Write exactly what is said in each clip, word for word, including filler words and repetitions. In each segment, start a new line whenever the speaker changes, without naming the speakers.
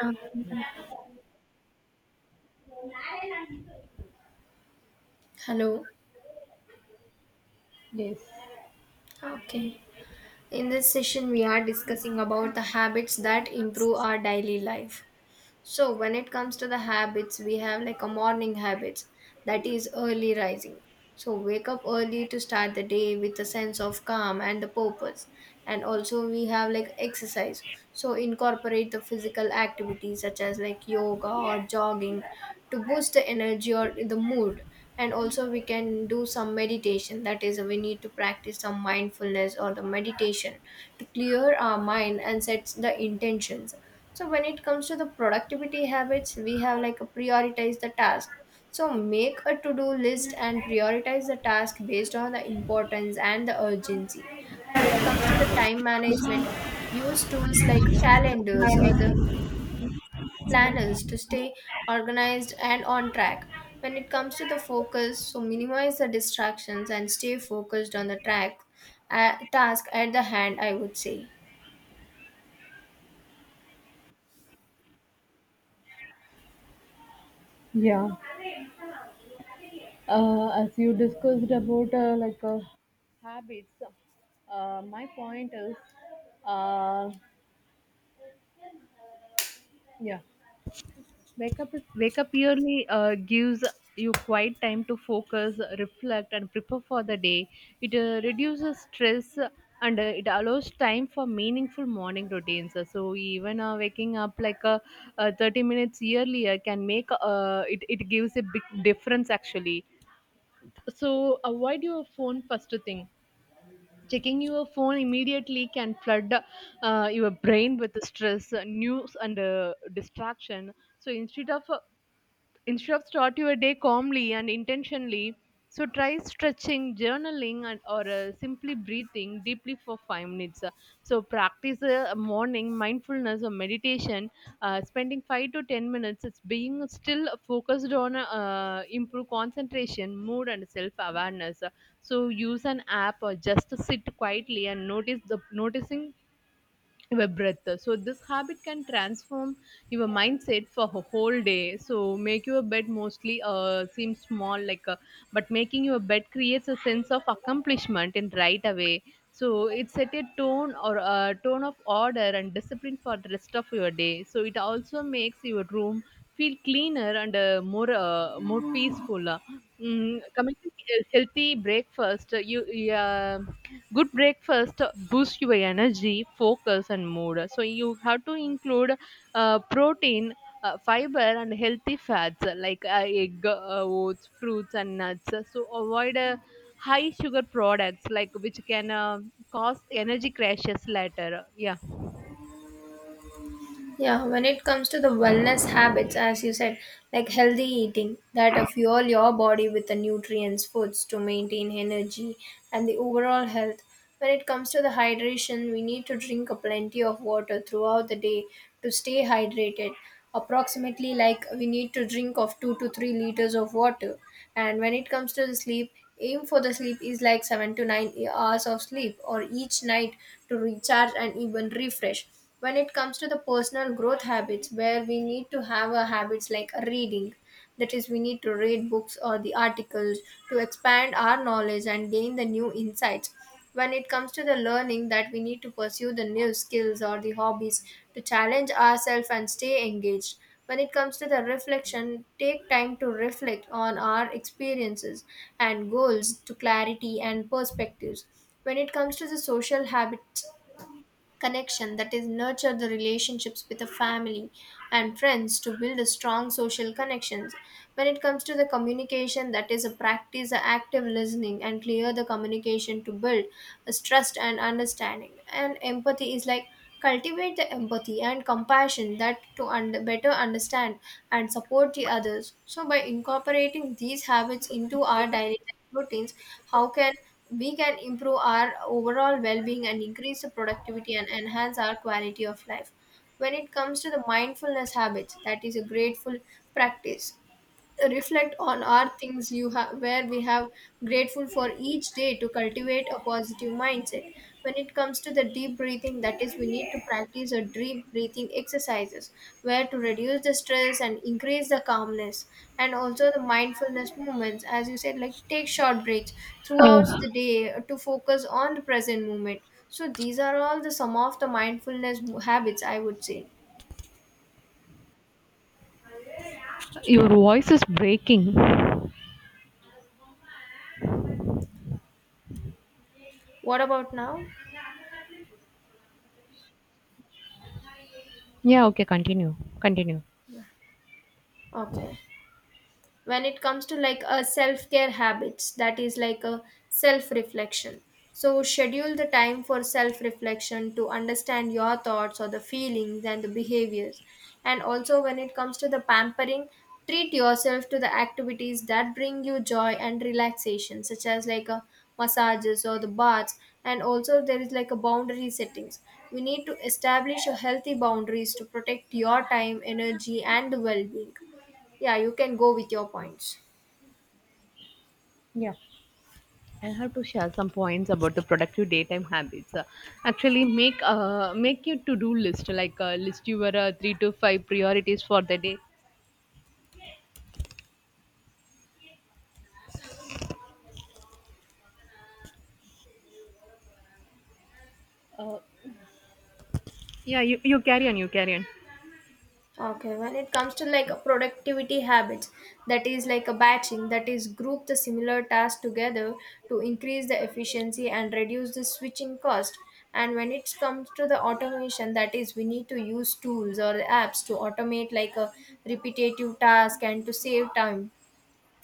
Um, Hello. Okay. In this session, we are discussing about the habits that improve our daily life. So when it comes to the habits, we have like a morning habits that is early rising. So wake up early to start the day with a sense of calm and the purpose. And also we have like exercise. So incorporate the physical activities such as like yoga or jogging to boost the energy or the mood. And also we can do some meditation. That is we need to practice some mindfulness or the meditation to clear our mind and set the intentions. So when it comes to the productivity habits, we have like a prioritize the task. So make a to-do list and prioritize the task based on the importance and the urgency. When it comes to the time management, use tools like calendars or the planners to stay organized and on track. When it comes to the focus, so minimize the distractions and stay focused on the track uh, task at the hand, I would say.
Yeah. Uh, as you discussed about uh, like uh, habits, uh, my point is, uh, yeah, wake up wake up early uh, gives you quiet time to focus, reflect, and prepare for the day. It uh, reduces stress, and uh, it allows time for meaningful morning routines. So even uh, waking up like uh, uh, thirty minutes earlier can make uh, it it gives a big difference actually. So avoid your phone first thing. Checking your phone immediately can flood uh, your brain with stress, uh, news, and uh, distraction. So instead of uh, instead of start your day calmly and intentionally, so try stretching, journaling, and or uh, simply breathing deeply for five minutes. Uh, so practice uh, morning mindfulness or meditation, uh, spending five to ten minutes it's being still, focused on uh, improve concentration, mood, and self awareness. So use an app or just sit quietly and notice the noticing your breath. So this habit can transform your mindset for a whole day. So make your bed. Mostly uh, seem small, like uh, but making your bed creates a sense of accomplishment in right away. So it set a tone or a tone of order and discipline for the rest of your day. So it also makes your room feel cleaner and uh, more uh, more peaceful. Mm, coming to he- healthy breakfast, uh, you yeah, good breakfast boosts your energy, focus, and mood. So you have to include uh, protein, uh, fiber, and healthy fats, uh, like uh, egg, uh, oats, fruits, and nuts. So avoid uh, high sugar products, like, which can uh, cause energy crashes later. Yeah.
Yeah, when it comes to the wellness habits, as you said, like healthy eating that uh, fuel your body with the nutrients, foods to maintain energy and the overall health. When it comes to the hydration, we need to drink a plenty of water throughout the day to stay hydrated. Approximately, like we need to drink of two to three liters of water. And when it comes to the sleep, aim for the sleep is like seven to nine hours of sleep or each night to recharge and even refresh. When it comes to the personal growth habits, where we need to have a habits like reading, that is we need to read books or the articles to expand our knowledge and gain the new insights. When it comes to the learning, that we need to pursue the new skills or the hobbies to challenge ourselves and stay engaged. When it comes to the reflection, take time to reflect on our experiences and goals to clarity and perspectives. When it comes to the social habits, connection, that is nurture the relationships with the family and friends to build a strong social connections. When it comes to the communication, that is a practice a active listening and clear the communication to build a trust and understanding, and empathy is like cultivate the empathy and compassion that to un- better understand and support the others. So by incorporating these habits into our daily life routines, how can we can improve our overall well-being and increase the productivity and enhance our quality of life. When it comes to the mindfulness habits, that is a grateful practice, reflect on our things you have where we have grateful for each day to cultivate a positive mindset. When it comes to the deep breathing, that is we need to practice a deep breathing exercises where to reduce the stress and increase the calmness. And also the mindfulness movements, as you said, like take short breaks throughout
uh,
the day uh, to focus on the present moment. So these are all the some of the mindfulness mo- habits, I would say.
your voice is breaking.
What about now?
Yeah, okay, continue, continue.
Okay. When it comes to like a self-care habits, that is like a self-reflection, so schedule the time for self-reflection to understand your thoughts or the feelings and the behaviors. And also when it comes to the pampering, treat yourself to the activities that bring you joy and relaxation, such as like a massages or the baths. And also there is like a boundary settings, we need to establish a healthy boundaries to protect your time, energy, and the well-being. Yeah, you can go with your points.
Yeah. I have to share some points about the productive daytime habits. Uh, actually, make uh, make your to do list, like uh, list your uh, three to five priorities for the day. Uh, yeah, you, you carry on. You carry on.
Okay, when it comes to like productivity habits, that is like a batching, that is group the similar tasks together to increase the efficiency and reduce the switching cost. And when it comes to the automation, that is we need to use tools or apps to automate like a repetitive task and to save time.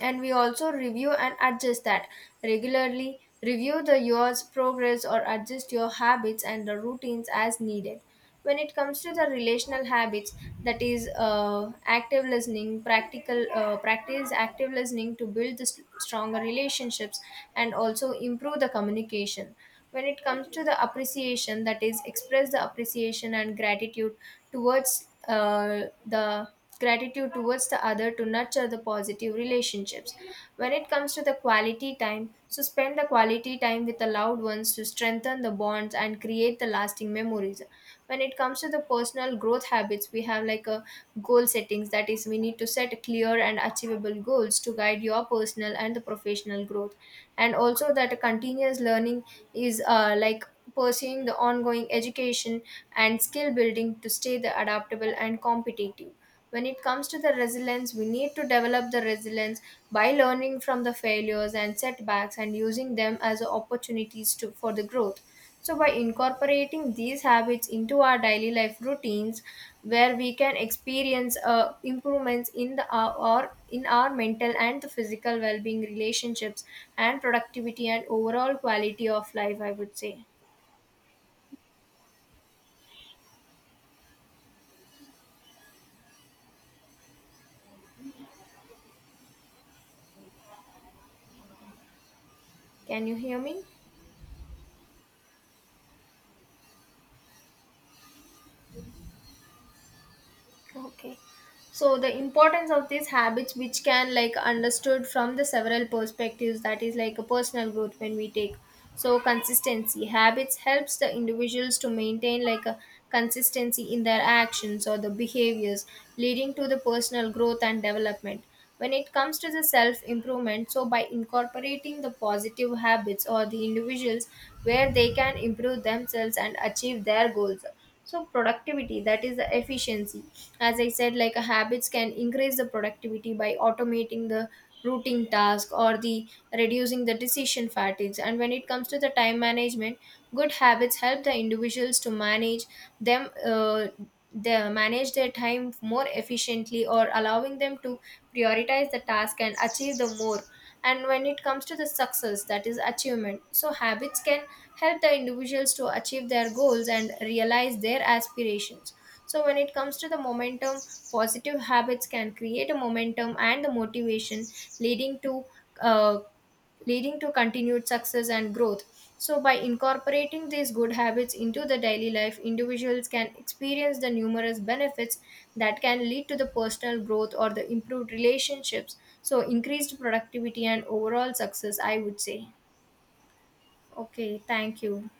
And we also review and adjust, that regularly review the year's progress or adjust your habits and the routines as needed. When it comes to the relational habits, that is uh, active listening, practical uh, practice active listening to build the s- stronger relationships and also improve the communication. When it comes to the appreciation, that is express the appreciation and gratitude towards uh, the gratitude towards the other to nurture the positive relationships. When it comes to the quality time, so spend the quality time with the loved ones to strengthen the bonds and create the lasting memories. When it comes to the personal growth habits, we have like a goal settings, that is we need to set clear and achievable goals to guide your personal and the professional growth. And also that continuous learning is uh, like pursuing the ongoing education and skill building to stay the adaptable and competitive. When it comes to the resilience, we need to develop the resilience by learning from the failures and setbacks and using them as opportunities to, for the growth. So by incorporating these habits into our daily life routines, where we can experience uh, improvements in the our, or in our mental and the physical well-being, relationships, and productivity, and overall quality of life, I would say. Can you hear me? Okay. So the importance of these habits, which can like understood from the several perspectives, that is like a personal growth, when we take, so consistency habits helps the individuals to maintain like a consistency in their actions or the behaviors, leading to the personal growth and development. When it comes to the self improvement, so by incorporating the positive habits or the individuals, where they can improve themselves and achieve their goals. So productivity, that is the efficiency, as I said, like a habits can increase the productivity by automating the routine task or the reducing the decision fatigues. And when it comes to the time management, good habits help the individuals to manage them, uh, they manage their time more efficiently or allowing them to prioritize the task and achieve the more. And when it comes to the success, that is achievement, so habits can help the individuals to achieve their goals and realize their aspirations. So, when it comes to the momentum, positive habits can create a momentum and the motivation, leading to uh, leading to continued success and growth. So, by incorporating these good habits into the daily life, individuals can experience the numerous benefits that can lead to the personal growth or the improved relationships. So, increased productivity and overall success, I would say. Okay, thank you.